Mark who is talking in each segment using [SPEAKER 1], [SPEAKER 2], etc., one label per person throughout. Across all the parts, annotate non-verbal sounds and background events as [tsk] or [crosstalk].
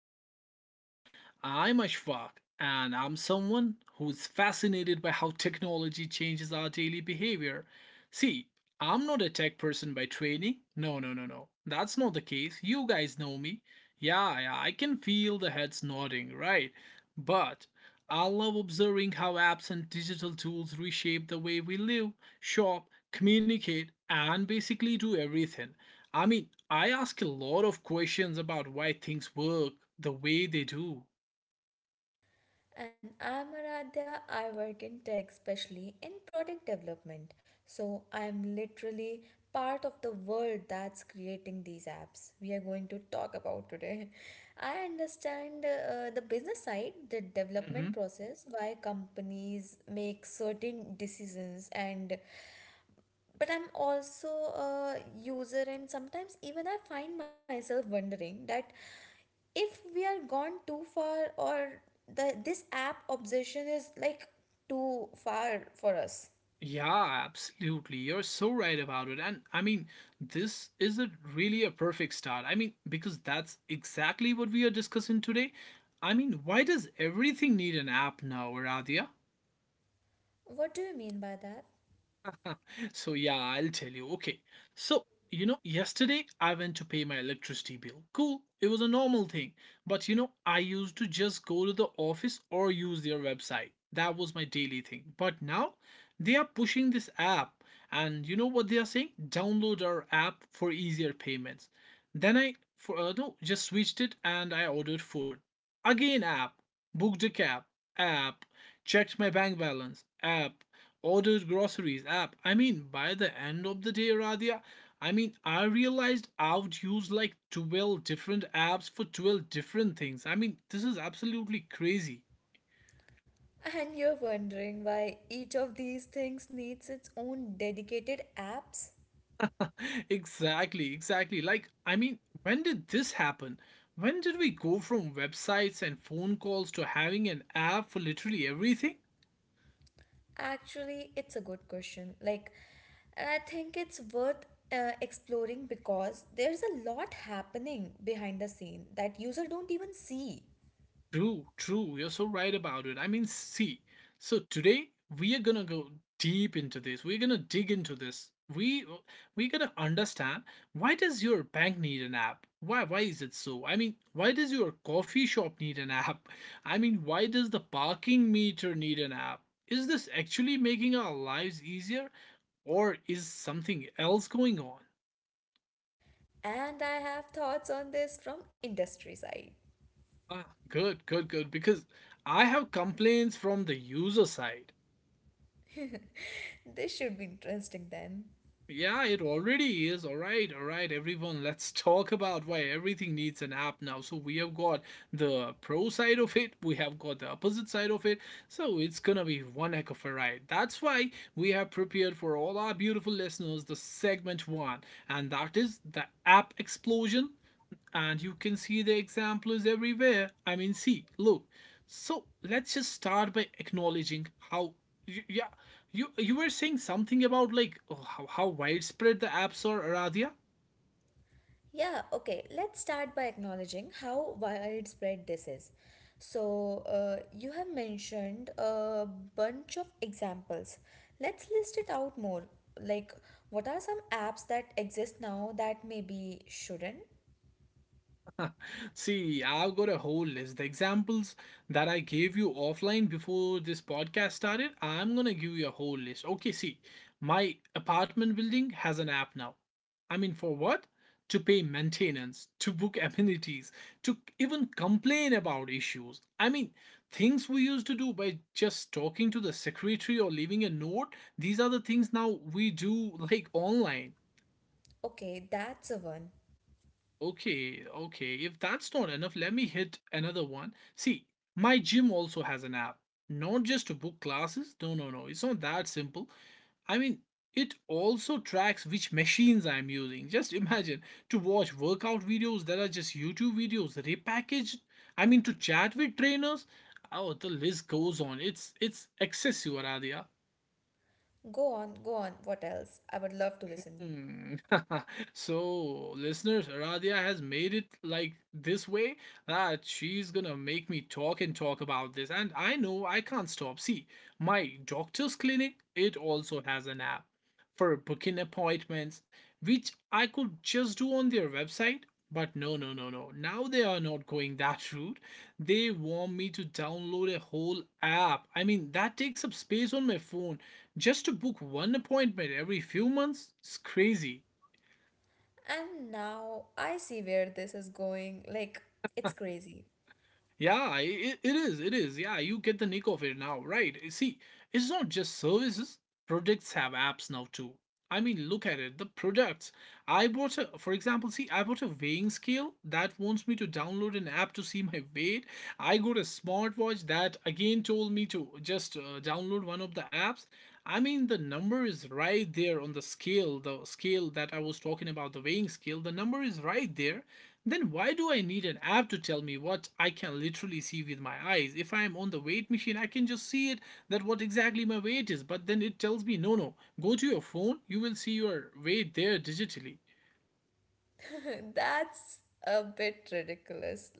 [SPEAKER 1] Welcome back. I'm Ashfaq, and I'm someone who's fascinated by how technology changes our daily behavior. See, I'm not a tech person by training. No, no, no, no. That's not the case. You guys know me. Yeah, yeah, I can feel the heads nodding, right? But I love observing how apps and digital tools reshape the way we live, shop, communicate, and basically do everything. I mean, I ask a lot of questions about why things work the way they do.
[SPEAKER 2] And I'm Aradhya. I work in tech, especially in product development. So I'm literally part of the world that's creating these apps we are going to talk about today. [laughs] I understand the business side, the development
[SPEAKER 1] Hmm.
[SPEAKER 2] process, why companies make certain decisions, and but I'm also a user, and sometimes even I find myself wondering that if we are gone too far, or the this app obsession is like too far for us.
[SPEAKER 1] Yeah, absolutely. You're so right about it. And I mean, this is a really a perfect start. I mean, because that's exactly what we are discussing today. I mean, why does everything need an app now, Radhya?
[SPEAKER 2] What do you mean by that?
[SPEAKER 1] So yeah, I'll tell you. Okay. So, you know, yesterday I went to pay my electricity bill. Cool. It was a normal thing. But you know, I used to just go to the office or use their website. That was my daily thing. But now they are pushing this app, and you know what they are saying? Download our app for easier payments. Then I for no, just switched it and I ordered food. Again, app, booked a cab, app, checked my bank balance, app, ordered groceries, app. I mean, by the end of the day, Radia, I mean, I realized I've used like 12 different apps for 12 different things. I mean, this is absolutely crazy.
[SPEAKER 2] And you're wondering why each of these things needs its own dedicated apps?
[SPEAKER 1] [laughs] Exactly, exactly. Like, I mean, when did this happen? When did we go from websites and phone calls to having an app for literally everything?
[SPEAKER 2] Actually, it's a good question. Like, and I think it's worth exploring, because there's a lot happening behind the scene that user don't even see.
[SPEAKER 1] True, true. You're so right about it. I mean, see, so today we are gonna go deep into this. We're gonna dig into this. We're gonna understand, why does your bank need an app? Why is it so? I mean, why does your coffee shop need an app? [laughs] I mean, why does the parking meter need an app? Is this actually making our lives easier, or is something else going on?
[SPEAKER 2] And I have thoughts on this from industry side.
[SPEAKER 1] Ah, good, good, good. Because I have complaints from the user side.
[SPEAKER 2] This should be interesting then.
[SPEAKER 1] Yeah, it already is. All right, everyone, let's [laughs] talk about why everything needs an app now. So, we have got the pro side of it, we have got the opposite side of it. So, it's gonna be one heck of a ride. That's why we have prepared for all our beautiful listeners the segment one, and that is the app explosion, and you can see the examples everywhere. I mean, see, look. So let's just start by acknowledging how, yeah, you were saying something about like, oh, how widespread the apps are, Aradia.
[SPEAKER 2] Yeah, okay. Let's start by acknowledging how widespread this is. So, you have mentioned a bunch of examples. Let's list it out more. Like, what are some apps that exist now that maybe shouldn't?
[SPEAKER 1] See, I've got a whole list. The examples that I gave you offline before this podcast started, I'm gonna give you a whole list. Okay, see, my apartment building has an app now. I mean, for what? To pay maintenance, to book amenities, to even complain about issues. I mean, things we used to do by just talking to the secretary or leaving a note, these are the things now we do like online.
[SPEAKER 2] Okay, that's a one.
[SPEAKER 1] Okay, okay. If that's not enough, let me hit another one. See, my gym also has an app, not just to book classes. No, no, no. It's not that simple. I mean, it also tracks which machines I'm using. Just imagine, to watch workout videos that are just YouTube videos repackaged. I mean, to chat with trainers. Oh, the list goes on. It's excessive, Aradhya.
[SPEAKER 2] Go on, go on. What else? I would love to listen.
[SPEAKER 1] Hmm. [laughs] So, listeners, Radia has made it like this way that she's gonna make me talk and talk about this. And I know I can't stop. See, my doctor's clinic, it also has an app for booking appointments, which I could just do on their website. But no, no, no, no. Now they are not going that route. They want me to download a whole app. I mean, that takes up space on my phone just to book one appointment every few months, is crazy.
[SPEAKER 2] And now I see where this is going. Like, it's crazy.
[SPEAKER 1] Yeah, it is. It is. Yeah, you get the nick of it now, right? Eh, see, it's not just services. Products have apps now too. I mean, look at it. The products. I bought a, for example, See, I bought a weighing scale that wants me to download an app to see my weight. I got a smartwatch that again told me to just download one of the apps. I mean, the number is right there on the scale that I was talking about, the weighing scale. The number is right there, then why do I need an app to tell me what I can literally see with my eyes? If I am on the weight machine, I can just see it, that what exactly my weight is, but then it tells me no, no, go to your phone, you will see your weight there digitally.
[SPEAKER 2] [laughs] That's a bit ridiculous.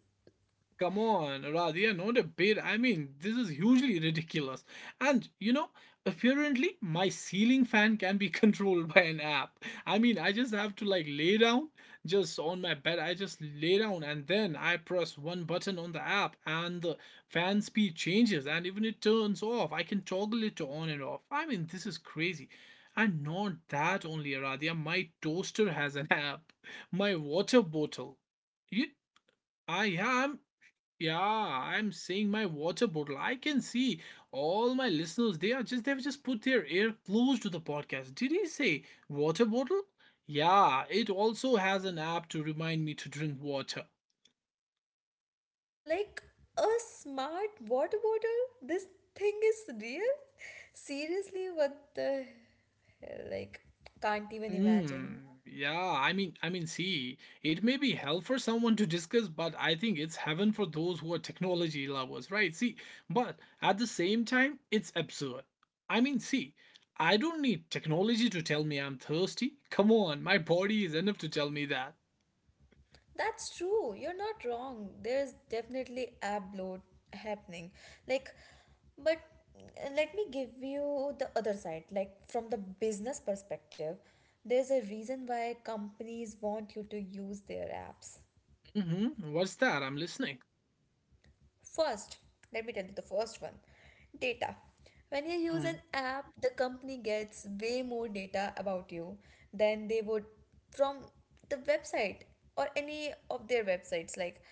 [SPEAKER 1] Come on, Radhia, not a bit. I mean, this is hugely ridiculous. And you know, apparently my ceiling fan can be [laughs] controlled by an app. I mean, I just have to like lay down just on my bed. I just lay down and then I press one button on the app and the fan speed changes and even it turns off. I can toggle it to on and off. I mean, this is crazy. And not that only, Radhya, my toaster has an [laughs] app. My water bottle. You, I am yeah, I'm seeing my water bottle. I can see all my listeners. They've just put their ear close to the podcast. Did he say water bottle? Yeah, it also has an app to remind me to drink water.
[SPEAKER 2] Like a smart water bottle? This thing is real? Seriously, what the hell? Like, can't even imagine.
[SPEAKER 1] Mm, yeah, I mean, see, it may be hell for someone to discuss, but I think it's heaven for those who are technology lovers, right? See, but at the same time, it's absurd. I mean, see, I don't need technology to tell me I'm thirsty. Come on, my body is enough to tell me that.
[SPEAKER 2] That's true. You're not wrong. There's definitely app bloat happening. Like, but let me give you the other side. Like, from the business perspective, there's a reason why companies want you to use their apps.
[SPEAKER 1] Mm-hmm. What's that? I'm listening.
[SPEAKER 2] First, let me tell you the first one: data. When you use an
[SPEAKER 1] Mm.
[SPEAKER 2] app, the company gets way more data about you than they would from the website, or any of their websites, like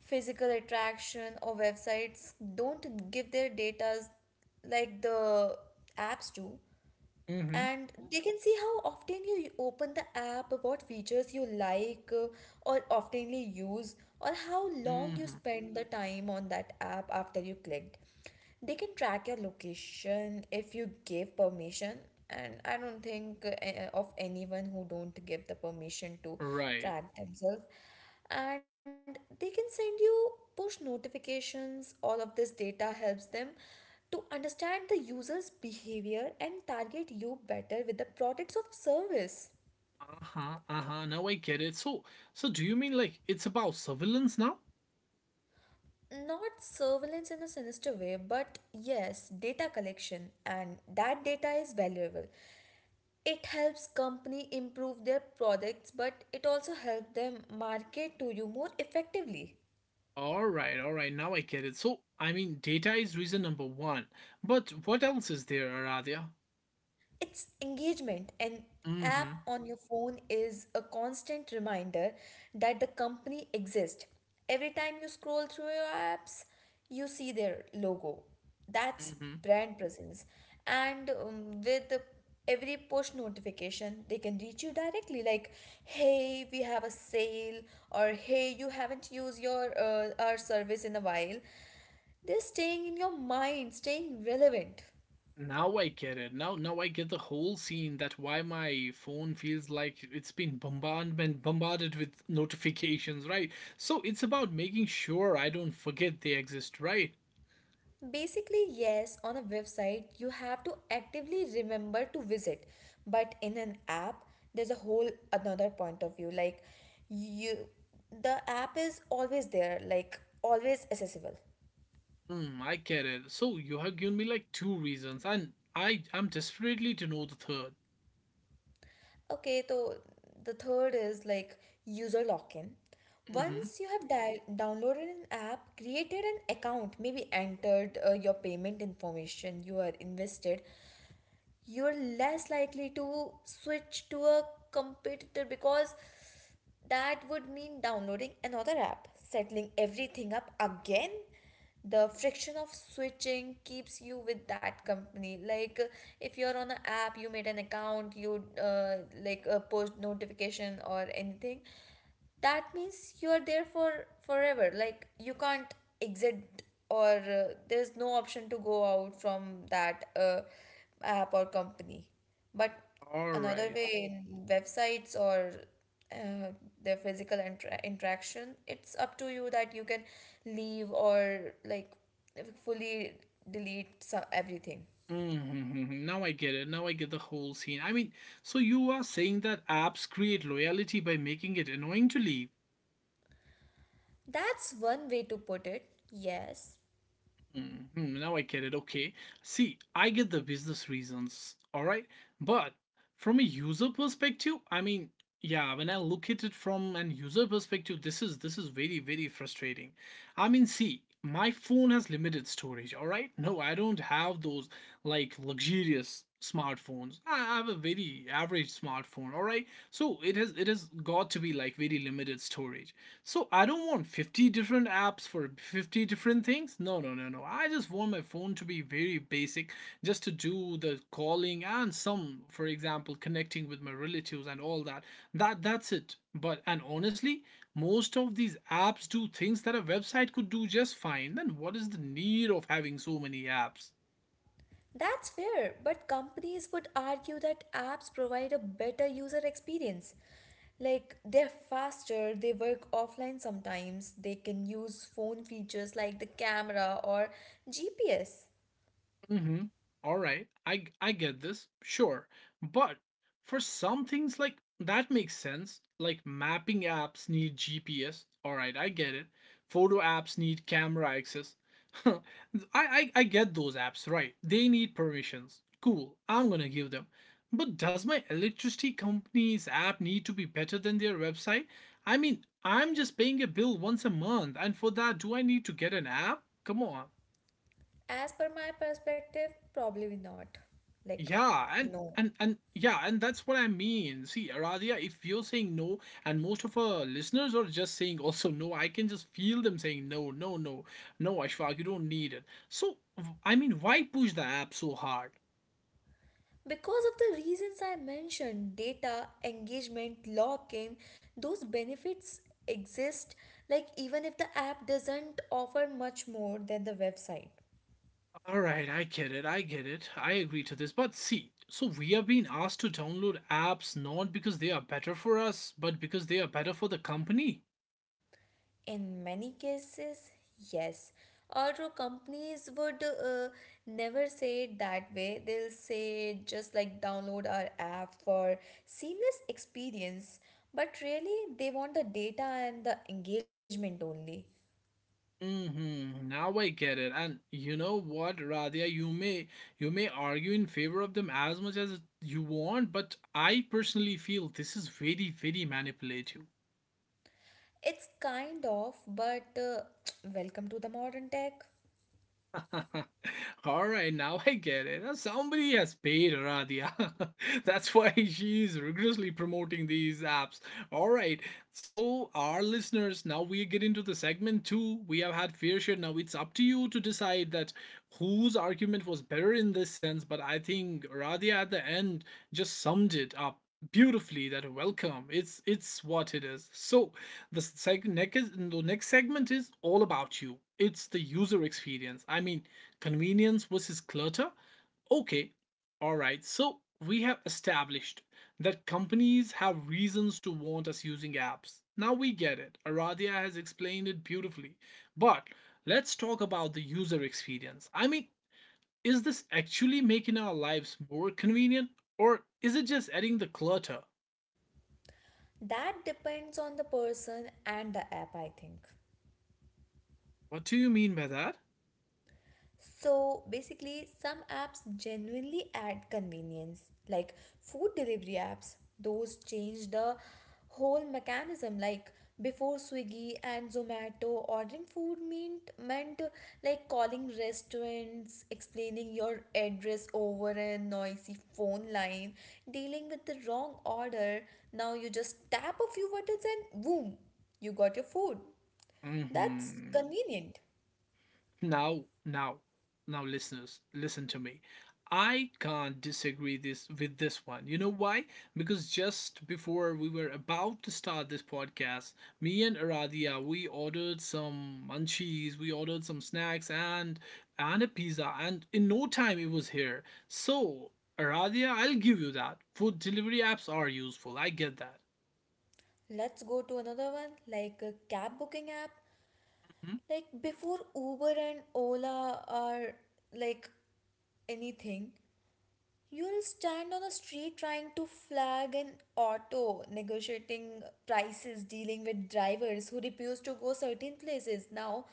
[SPEAKER 2] physical attraction or websites don't give their data like the apps do.
[SPEAKER 1] Mm-hmm.
[SPEAKER 2] And they can see how often you open the app, what features you like or oftenly use, or how long you
[SPEAKER 1] Mm-hmm.
[SPEAKER 2] spend the time on that app after you clicked. They can track your location if you give permission, and I don't think of anyone who don't give the permission to
[SPEAKER 1] Right.
[SPEAKER 2] track themselves, and they can send you push notifications. All of this data helps them to understand the user's behavior and target you better with the products of service.
[SPEAKER 1] Uh-huh. Uh-huh. Now I get it. So, so do you mean like it's about surveillance now?
[SPEAKER 2] Not surveillance in a sinister way, but yes, data collection, and that data is valuable. It helps company improve their products, but it also helps them market to you more effectively.
[SPEAKER 1] All right, all right. Now I get it. So, I mean, data is reason number one. But what else is there, Aradia?
[SPEAKER 2] It's engagement. An app
[SPEAKER 1] Mm-hmm.
[SPEAKER 2] on your phone is a constant reminder that the company exists. Every time you scroll through your apps, you see their logo. That's
[SPEAKER 1] Mm-hmm.
[SPEAKER 2] brand presence. And every push notification, they can reach you directly, like, hey, we have a sale, or hey, you haven't used your our service in a while. They're staying in your mind, staying relevant.
[SPEAKER 1] Now I get it. Now, now I get the whole scene. That why my phone feels like it's been bombardment bombarded with notifications, right? So it's about making sure I don't forget they exist, right?
[SPEAKER 2] Basically, yes, on a website, you have to actively remember to visit. But in an app, there's a whole another point of view. Like, you the app is always there, like always accessible.
[SPEAKER 1] Hmm. I get it. So you have given me like two reasons, and I'm desperately to know the third.
[SPEAKER 2] Okay, so the third is like user lock-in.
[SPEAKER 1] Mm-hmm.
[SPEAKER 2] Once you have downloaded an app, created an account, maybe entered your payment information, you are invested, you're less likely to switch to a competitor, because that would mean downloading another app, settling everything up again. The friction of switching keeps you with that company. Like, if you're on an app, you made an account, you like a post notification or anything, that means you're there for forever. Like, you can't exit, or there's no option to go out from that app or company. But
[SPEAKER 1] All
[SPEAKER 2] another
[SPEAKER 1] right.
[SPEAKER 2] way, in websites or uh, their physical interaction, it's up to you that you can leave, or like fully delete some everything.
[SPEAKER 1] Mm-hmm. Now I get it. Now I get the whole scene. I mean, so you are saying that apps create loyalty by making it annoying to leave?
[SPEAKER 2] That's one way to put it, yes.
[SPEAKER 1] Hmm. Mm, now I get it. Okay. See, I get the business reasons. All right. But from a user perspective, I mean, yeah, when I look at it from an user perspective, this is very very frustrating. I mean, see, my phone has limited storage. All right. No, I don't have those like luxurious smartphones. I have a very average smartphone. All right. So it has got to be like very limited storage. So I don't want 50 different apps for 50 different things. No, no, no, no. I just want my phone to be very basic, just to do the calling and some, for example, connecting with my relatives and all that. That's it. But and honestly, most of these apps do things that a website could do just fine. Then what is the need of having so many apps?
[SPEAKER 2] That's fair, but companies would argue that apps provide a better user experience. Like, they're faster, they work offline sometimes, they can use phone features like the camera or GPS.
[SPEAKER 1] Mm-hmm. All right. I get this. Sure. But for some things like that makes sense. Like mapping apps need GPS. All right, I get it. Photo apps need camera access. [laughs] I, I get those apps, right? They need permissions. Cool. I'm going to give them. But does my electricity company's app need to be better than their website? I mean, I'm just paying a bill once a month, and for that, do I need to get an app? Come on.
[SPEAKER 2] As per my perspective, probably not. Like,
[SPEAKER 1] Yeah,
[SPEAKER 2] no.
[SPEAKER 1] and yeah, and that's what I mean. See, Aradia, if you're saying no, and most of our listeners are just saying also no, I can just feel them saying no, no, no, no, Ashfaq, you don't need it. So, I mean, why push the app so hard?
[SPEAKER 2] Because of the reasons I mentioned: data, engagement, lock in, those benefits exist, like, even if the app doesn't offer much more than the website.
[SPEAKER 1] All right, I get it, I get it, I agree to this. But see, so we have been asked to download apps not because they are better for us, but because they are better for the company.
[SPEAKER 2] In many cases, yes. Although companies would never say it that way, they'll say just like, download our app for seamless experience, but really they want the data and the engagement only.
[SPEAKER 1] Mm-hmm. Now I get it. And you know what, Radhya, you may argue in favor of them as much as you want, but I personally feel this is very, very manipulative.
[SPEAKER 2] It's kind of, but [tsk] welcome to the modern tech.
[SPEAKER 1] [laughs] All right, now I get it. Somebody has paid Radia. [laughs] That's why she's rigorously promoting these apps. All right, so our listeners, now we get into the segment two. We have had fair share. Now it's up to you to decide that whose argument was better in this sense. But I think Radia at the end just summed it up beautifully that welcome it's what it is. So next the next segment is all about you. It's the user experience. Convenience versus clutter? Okay, alright, so we have established that companies have reasons to want us using apps. Now we get it. Aradia has explained it beautifully. But let's talk about the user experience. I mean, is this actually making our lives more convenient or is it just adding the clutter?
[SPEAKER 2] That depends on the person and the app, I think.
[SPEAKER 1] What do you mean by that?
[SPEAKER 2] So basically, some apps genuinely add convenience, like food delivery apps. Those change the whole mechanism. Like before Swiggy and Zomato, ordering food meant like calling restaurants, explaining your address over a noisy phone line, dealing with the wrong order. Now you just tap a few buttons and boom, you got your food. That's
[SPEAKER 1] Mhm.
[SPEAKER 2] convenient.
[SPEAKER 1] Now, now, now, listeners, listen to me. I can't disagree this with this one. You know why? Because just before we were about to start this podcast, me and Aradia we ordered some munchies, we ordered some snacks and a pizza, and in no time it was here. So, Aradia, I'll give you that. Food delivery apps are useful. I get that.
[SPEAKER 2] Let's go to another one, like a cab booking app.
[SPEAKER 1] Mhm.
[SPEAKER 2] Like, before Uber and Ola are like anything, you'll stand on the street trying to flag an auto, negotiating prices, dealing with drivers who refuse to go certain places. Now,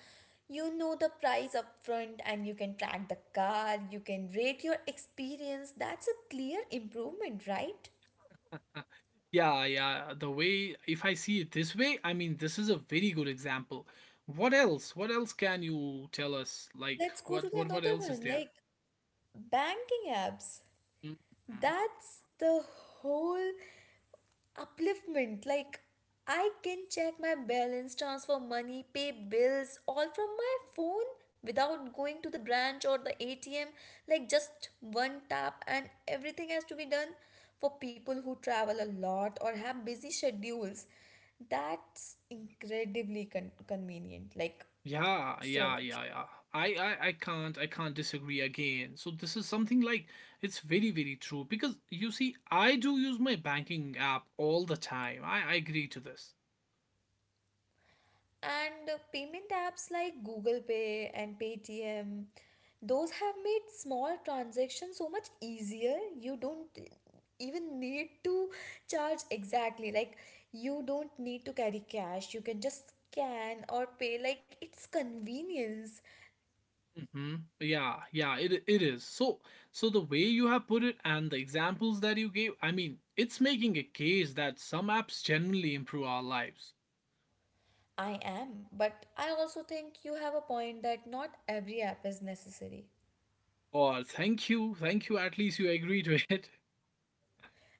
[SPEAKER 2] you know the price upfront, and you can track the car, you can rate your experience. That's a clear improvement, right?
[SPEAKER 1] Yeah, yeah. The way, if I see it this way, I mean, this is a very good example. What else? What else can you tell us? Like,
[SPEAKER 2] Let's go
[SPEAKER 1] what,
[SPEAKER 2] to the
[SPEAKER 1] what, what
[SPEAKER 2] another
[SPEAKER 1] else is
[SPEAKER 2] one,
[SPEAKER 1] there?
[SPEAKER 2] like banking apps.
[SPEAKER 1] Mhm.
[SPEAKER 2] That's the whole upliftment. Like, I can check my balance, transfer money, pay bills, all from my phone, without going to the branch or the ATM. Like, just one tap, and everything has to be done. For people who travel a lot or have busy schedules, that's incredibly convenient. Like,
[SPEAKER 1] Yeah,
[SPEAKER 2] so
[SPEAKER 1] yeah,
[SPEAKER 2] much.
[SPEAKER 1] yeah, yeah. I can't, I can't disagree again. So this is something like it's very, very true because you see, I do use my banking app all the time. I agree to this.
[SPEAKER 2] And payment apps like Google Pay and Paytm, those have made small transactions so much easier. You don't even need to charge exactly. Like, you don't need to carry cash. You can just scan or pay. Like, it's convenience.
[SPEAKER 1] Hmm. Yeah, yeah, it is. So so the way you have put it and the examples that you gave, I mean, it's making a case that some apps genuinely improve our lives.
[SPEAKER 2] I am, but I also think you have a point that not every app is necessary.
[SPEAKER 1] Or thank you, at least you agree to [laughs] it.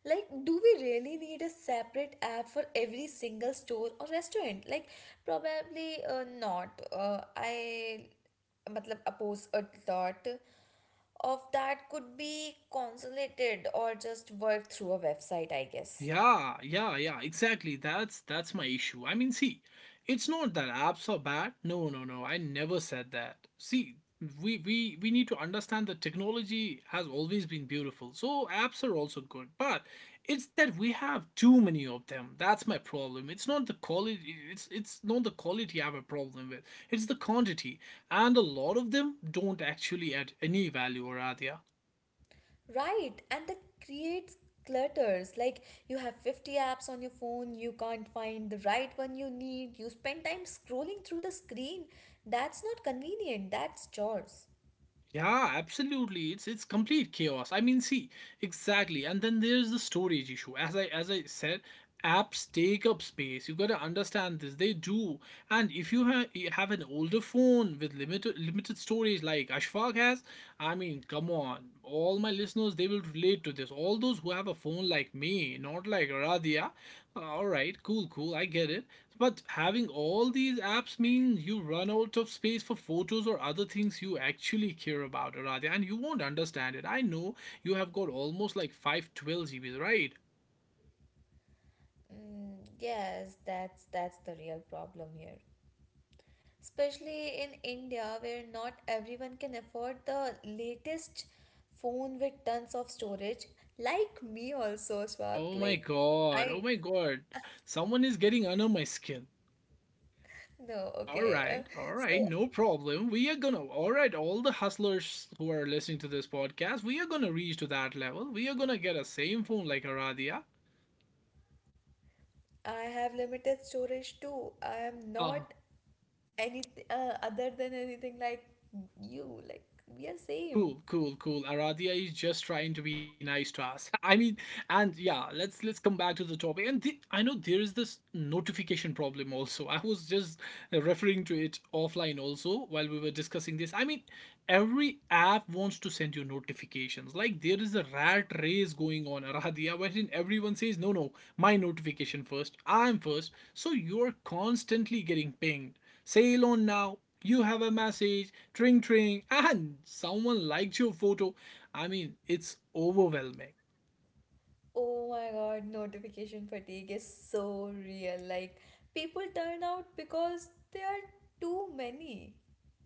[SPEAKER 2] Like, do we really need a separate app for every single store or restaurant? Like, probably not. Matlab, oppose a lot of that could be consolidated or just work through a website, I guess.
[SPEAKER 1] Yeah, yeah, yeah, exactly. That's my issue. I mean, see, it's not that apps are bad. No, no, no. I never said that. See, we need to understand that technology has always been beautiful. So apps are also good, but it's that we have too many of them. That's my problem. It's not the quality. It's not the quality I have a problem with. It's the quantity, and a lot of them don't actually add any value, Radhya.
[SPEAKER 2] Right, and that creates clutters. Like, you have 50 apps on your phone, you can't find the right one you need, you spend time scrolling through the screen. That's not convenient, that's chores.
[SPEAKER 1] Yeah, absolutely. It's complete chaos. I mean, see, exactly. And then there's the storage issue. As I said, apps take up space. You got to understand this. They do. And if you have an older phone with limited storage like Ashfaq has, I mean, come on, all my listeners they will relate to this. All those who have a phone like me, not like Radia, all right, cool, cool, I get it. But having all these apps means you run out of space for photos or other things you actually care about, Radia, and you won't understand it. I know you have got almost like 512 GBs, right?
[SPEAKER 2] Mm, yes, that's the real problem here. Especially in India, where not everyone can afford the latest phone with tons of storage, like me also, Swag. Like,
[SPEAKER 1] Oh
[SPEAKER 2] I
[SPEAKER 1] my god, someone is getting under my skin.
[SPEAKER 2] no, okay.
[SPEAKER 1] All right,
[SPEAKER 2] So
[SPEAKER 1] no problem. We are gonna, all right, all the hustlers who are listening to this podcast, we are gonna reach to that level. We are gonna get a same phone like Aradia.
[SPEAKER 2] I have limited storage too. I am not
[SPEAKER 1] Uh,
[SPEAKER 2] any other than anything like you. Like, we are same.
[SPEAKER 1] Cool, cool, cool. Aradia is just trying to be nice to us. [laughs] I mean, and yeah, let's come back to the topic. And the, I know there is this notification problem also. [laughs] I was just referring to it offline also while we were discussing this. I mean, every app wants to send you notifications. Like there is a rat race going on, Aradia, wherein everyone says, "No, no, my notification first. I'm first. So you're constantly getting pinged. Sail on now. You have a message. Tring, tring. [laughs] And someone liked your photo. I mean, it's overwhelming.
[SPEAKER 2] Oh my god, notification fatigue is so real. Like, people turn out because there are too many.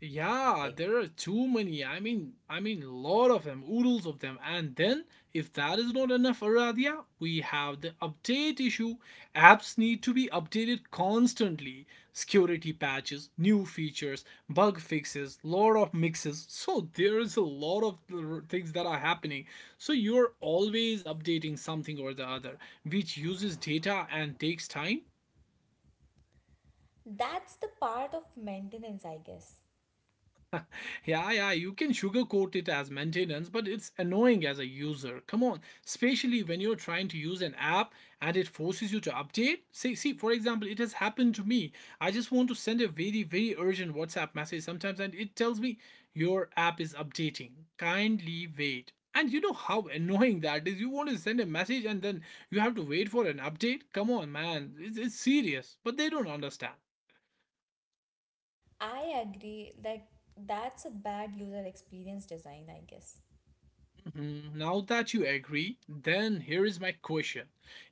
[SPEAKER 1] Yeah,
[SPEAKER 2] Like,
[SPEAKER 1] there are too many. I mean, lot of them, oodles of them. And then, if that is not enough, Aradia, we have the update issue. Apps need to be updated constantly. Security patches, new features, bug fixes, lot of mixes. So there is a lot of things that are happening. So you're always updating something or the other, which uses data and takes time.
[SPEAKER 2] that's the part of maintenance, I guess.
[SPEAKER 1] Yeah, yeah, you can sugarcoat it as maintenance, but it's annoying as a user. Come on, especially when you're trying to use an app and it forces you to update. See, see, for example, it has happened to me. I just want to send a very, very urgent WhatsApp message sometimes, and it tells me your app is updating. Kindly wait. And you know how annoying that is. You want to send a message and then you have to wait for an update. Come on, man, it's serious. But they don't understand.
[SPEAKER 2] I agree, like, that's a bad user experience design, I guess.
[SPEAKER 1] Mm, now that you agree, then here is my question.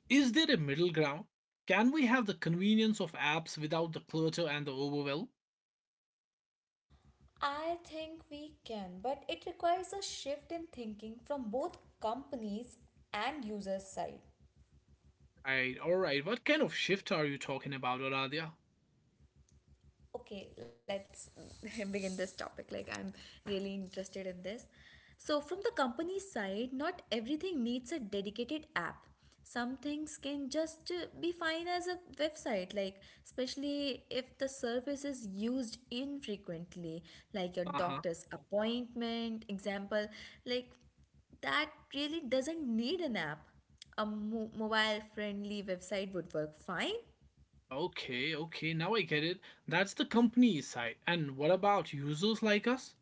[SPEAKER 1] Is there a middle ground? Can we have the convenience of apps without the clutter and the overwhelm?
[SPEAKER 2] I think we can, but it requires a shift in thinking from both companies and users' side.
[SPEAKER 1] Right, alright, what kind of shift are you talking about, Aradhya?
[SPEAKER 2] Okay, let's [laughs] begin this topic, like, I'm really interested in this. So from the company side, not everything needs a dedicated app. Some things can just be fine as a website, like, especially if the service is used infrequently, like your
[SPEAKER 1] Uh huh.
[SPEAKER 2] doctor's appointment example. Like, that really doesn't need an app. A mobile friendly website would work fine.
[SPEAKER 1] Okay, okay, now I get it. That's the company side. And what about users like us?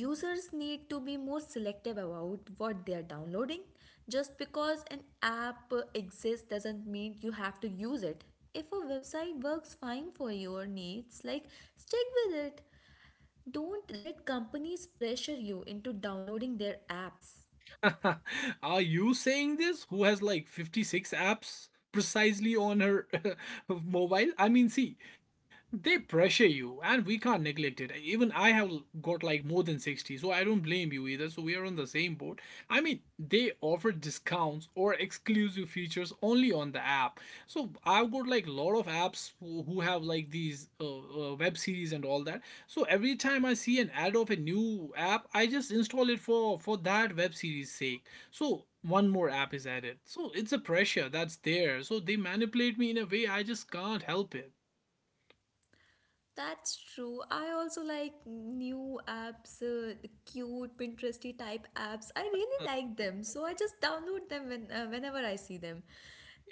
[SPEAKER 2] Users need to be more selective about what they are downloading. Just because an app exists doesn't mean you have to use it. If a website works fine for your needs, like, stick with it. Don't let companies pressure you into downloading their apps.
[SPEAKER 1] [laughs] Are you saying this? Who has like 56 apps precisely on her [laughs] mobile? I mean, see, they pressure you and we can't neglect it. Even I have got like more than 60, so I don't blame you either. So we are on the same boat. I mean, they offer discounts or exclusive features only on the app. So I've got like a lot of apps who have like these web series and all that. So every time I see an ad of a new app, I just install it for that web series sake. So one more app is added. So it's a pressure that's there. So they manipulate me in a way I just can't help it.
[SPEAKER 2] That's true. I also like new apps, the cute Pinteresty type apps. I really like them, so I just download them whenever I see them.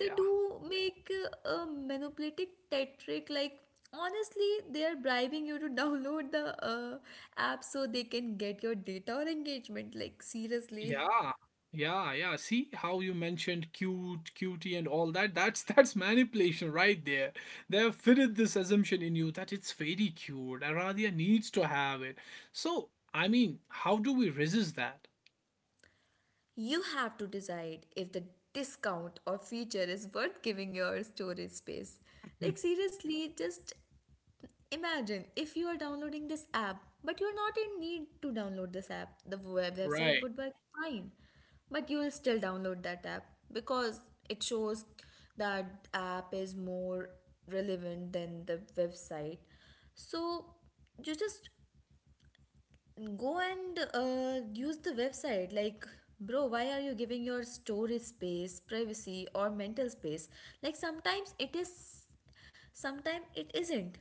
[SPEAKER 2] They do make a manipulative tech trick. Like, honestly, they are bribing you to [laughs] download the app so they can get your data or engagement. Like, seriously,
[SPEAKER 1] Yeah. Yeah, yeah. See how you mentioned cute, cutie and all that? That's [laughs] that's manipulation right there. They have fitted this assumption in you that it's very cute. Aradhya needs to have it. So, I mean, how do we resist that?
[SPEAKER 2] you have to decide if the discount or feature is worth giving your storage space.
[SPEAKER 1] [laughs] Mhm.
[SPEAKER 2] Like, seriously, just imagine if you are downloading this app, but you're not in need to download this app. The website
[SPEAKER 1] Right.
[SPEAKER 2] would work fine, but you will still download that app because it shows that app is more relevant than the website. So you just go and use the website. Like, bro, why are you giving your storage space, privacy, or mental space? Like, sometimes it is, sometimes it isn't.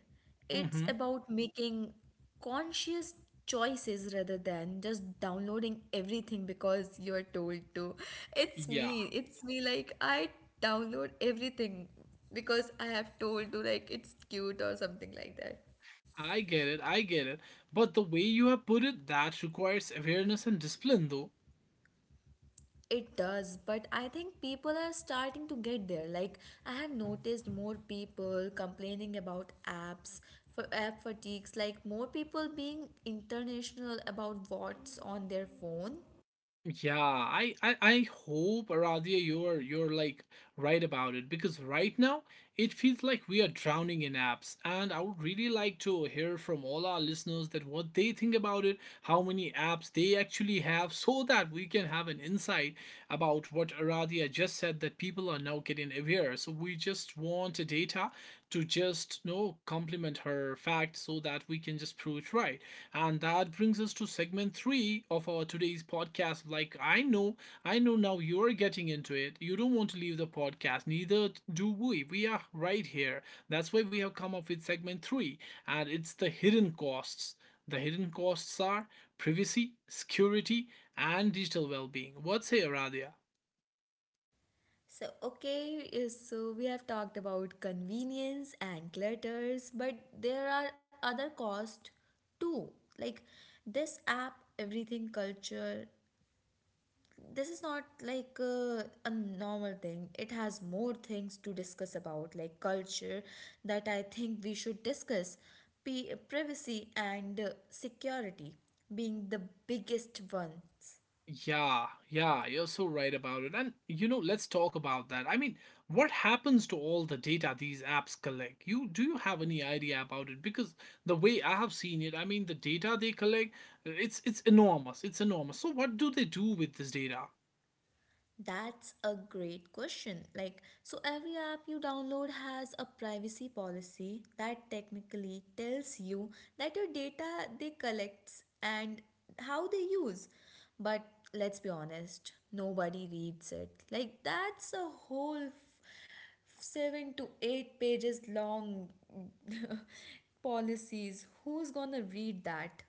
[SPEAKER 2] It's
[SPEAKER 1] Hmm.
[SPEAKER 2] about making conscious choices, rather than just downloading everything because you're told to. It's
[SPEAKER 1] Yeah.
[SPEAKER 2] me, it's me. Like, I download everything because I have told to, like, it's cute or something like that.
[SPEAKER 1] I get it, I get it. But the way you have put it, that requires awareness and discipline though.
[SPEAKER 2] It does, but I think people are starting to get there. Like, I have noticed more people complaining about apps for app fatigues, like more people being international about what's on their phone.
[SPEAKER 1] Yeah, I hope Aradia you're like right about it because right now it feels like we are drowning in apps, and I would really like to hear from all our listeners that what they think about it, how many apps they actually have, [laughs] so that we can have an insight about what Aradia just said, that people are now getting aware. So we just want data to just you know complement her fact so that we can just prove it right. And that brings us to segment three of our today's podcast. Like I know now you're getting into it. You don't want to leave the podcast, neither do we. We are right here. That's why we have come up with segment three, and it's the hidden costs. The hidden costs are privacy, security, and digital well being. What say, Aradia?
[SPEAKER 2] So okay, so we have talked about convenience and clutters, but there are other costs too. Like, this app everything culture, this is not like a normal thing. It has more things to discuss about, like culture, that I think we should discuss. Privacy and security being the biggest ones.
[SPEAKER 1] Yeah, yeah, you're so right about it. And you know, let's talk about that. I mean, what happens to all the data these apps collect? You do you have any idea about it? Because the way I have seen it, I mean, the data they collect, it's enormous. It's enormous. So what do they do with this data?
[SPEAKER 2] That's a great question. Like, so every app you download has a privacy policy that technically tells you that your data they collects and how they use. But let's be honest, nobody reads it. Like, that's a whole 7 to 8 pages long [laughs] policies. Who's gonna read that?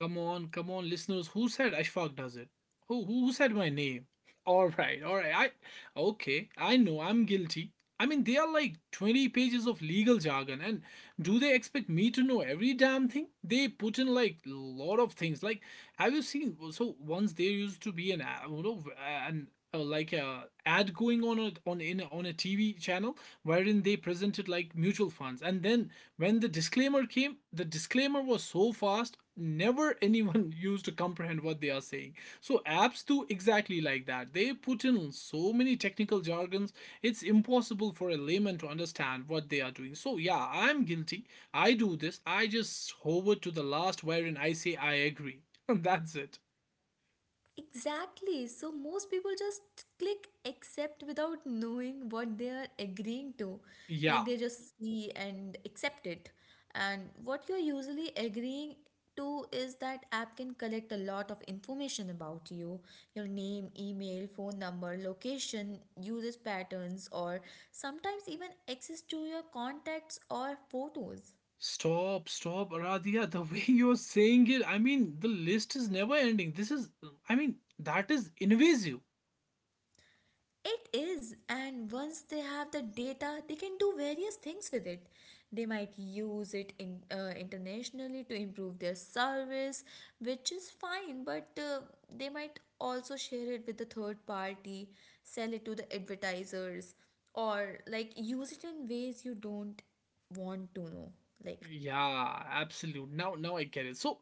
[SPEAKER 1] Come on, come on, listeners. Who said Ashfaq does it? Who said my name? [laughs] All right, all right. I okay. I know I'm guilty. I mean, they are like 20 pages of legal jargon, and do they expect me to know every damn thing? They put in like lot of things. Like, have you seen? So once there used to be you know, an like a ad going on a, on in on a TV channel wherein they presented like mutual funds, and then when the disclaimer came, the disclaimer was so fast, never [laughs] anyone used to comprehend what they are saying. So apps do exactly like that. They put in so many technical jargons, it's impossible for a layman to understand what they are doing. So yeah, I'm guilty. I do this. I just hover to the last wherein I say I agree. [laughs] That's it.
[SPEAKER 2] Exactly. So most people just click accept without knowing what they are agreeing to. Like,
[SPEAKER 1] Yeah.
[SPEAKER 2] they just see and accept it. And what you're usually agreeing to is that app can collect a lot of information about you: your name, email, phone number, location, usage patterns, or sometimes even access to your contacts or photos.
[SPEAKER 1] Stop, stop, Aradhya. The way [laughs] you're saying it, I mean, the list is never ending. This is, I mean, that is invasive.
[SPEAKER 2] It is, and once they have the data, they can do various things with it. They might use it internationally to improve their service, which is fine, but they might also share it with the third party, sell it to the advertisers, or like use it in ways you don't want to know. Like,
[SPEAKER 1] Yeah, absolute. Now I get it. So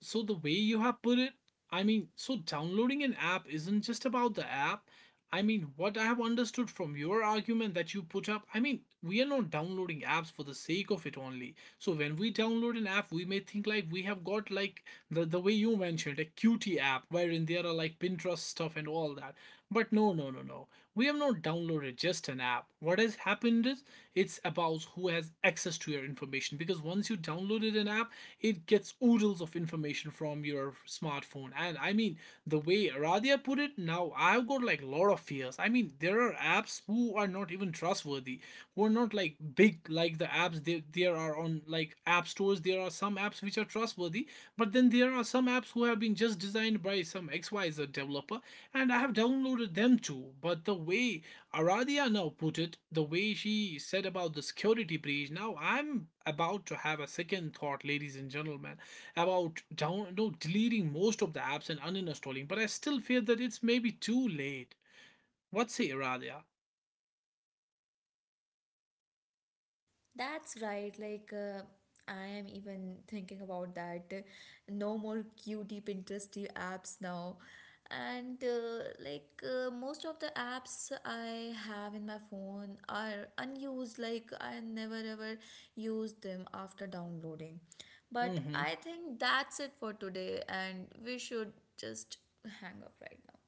[SPEAKER 1] so the way you have put it, I mean, so downloading an app isn't just about the app. I mean, what I have understood from your argument that you put up, I mean, we are not downloading apps for the sake of it only. So when we download an app, we may think like we have got like the way you mentioned a cutie app wherein there are like Pinterest stuff and all that. But no, no, no, no. We have not downloaded just an app. What has happened is it's about who has access to your information because once you downloaded an app, it gets oodles of information from your smartphone. And I mean, the way Radia put it, now I've got like a lot of fears. I mean, there are apps who are not even trustworthy, who are not like big like the apps there are on like app stores. There are some apps which are trustworthy, but then there are some apps who have been just designed by some XYZ developer, and I have downloaded them too. But the way Aradia now put it, the way she said about the security breach, now I'm about to have a second thought, ladies and gentlemen, about down no, deleting most of the apps and uninstalling. But I still feel that it's maybe too late. What's say, Aradia?
[SPEAKER 2] that's right. Like, I am even thinking about that. No more cutie Pinteresty apps now. And like, most of the apps I have in my phone are unused. Like, I never ever use them after downloading. But
[SPEAKER 1] Mm-hmm.
[SPEAKER 2] I think that's it for today, and we should just hang up right now.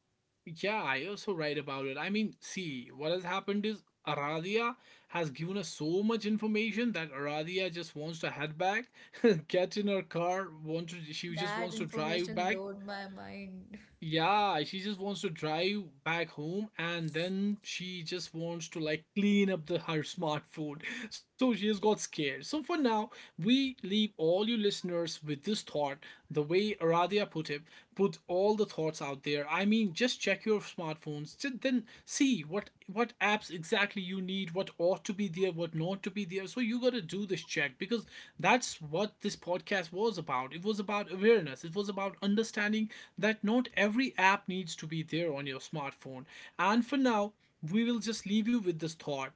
[SPEAKER 1] Yeah, I also write about it. I mean, see, what has happened is Aradia has given us so much information that Aradia just wants to head back, [laughs] get in her car, want to she just
[SPEAKER 2] That
[SPEAKER 1] wants to drive
[SPEAKER 2] information
[SPEAKER 1] back.
[SPEAKER 2] blowed my mind.
[SPEAKER 1] Yeah, she just wants to drive back home and then she just wants to like clean up the her smartphone. [laughs] So she has got scared. So for now, we leave all you listeners with this thought, the way Aradia put it, put all the thoughts out there. I mean, just check your smartphones, then see what apps exactly you need, what ought to be there, what not to be there. So you got to do this check because that's what this podcast was about. It was about awareness. It was about understanding that not every app needs to be there on your smartphone. And for now, we will just leave you with this thought.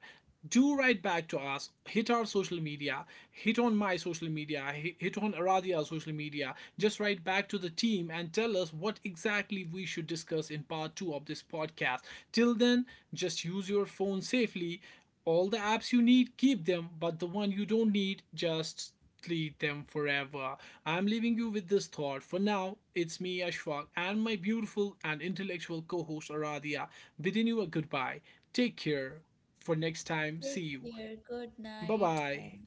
[SPEAKER 1] Do write back to us, hit our social media, hit on my social media, hit on Aradia's social media, just write back to the team and tell us what exactly we should discuss in part 2 of this podcast. Till then, just use your phone safely. All the apps you need, keep them, but the one you don't need, just delete them forever. I'm leaving you with this thought. For now, it's me Ashfaq and my beautiful and intellectual co-host Aradia, bidding you a goodbye. Take care for next
[SPEAKER 2] [laughs]
[SPEAKER 1] time.
[SPEAKER 2] Take
[SPEAKER 1] See you.
[SPEAKER 2] care. Good
[SPEAKER 1] Bye
[SPEAKER 2] night,
[SPEAKER 1] bye.
[SPEAKER 2] and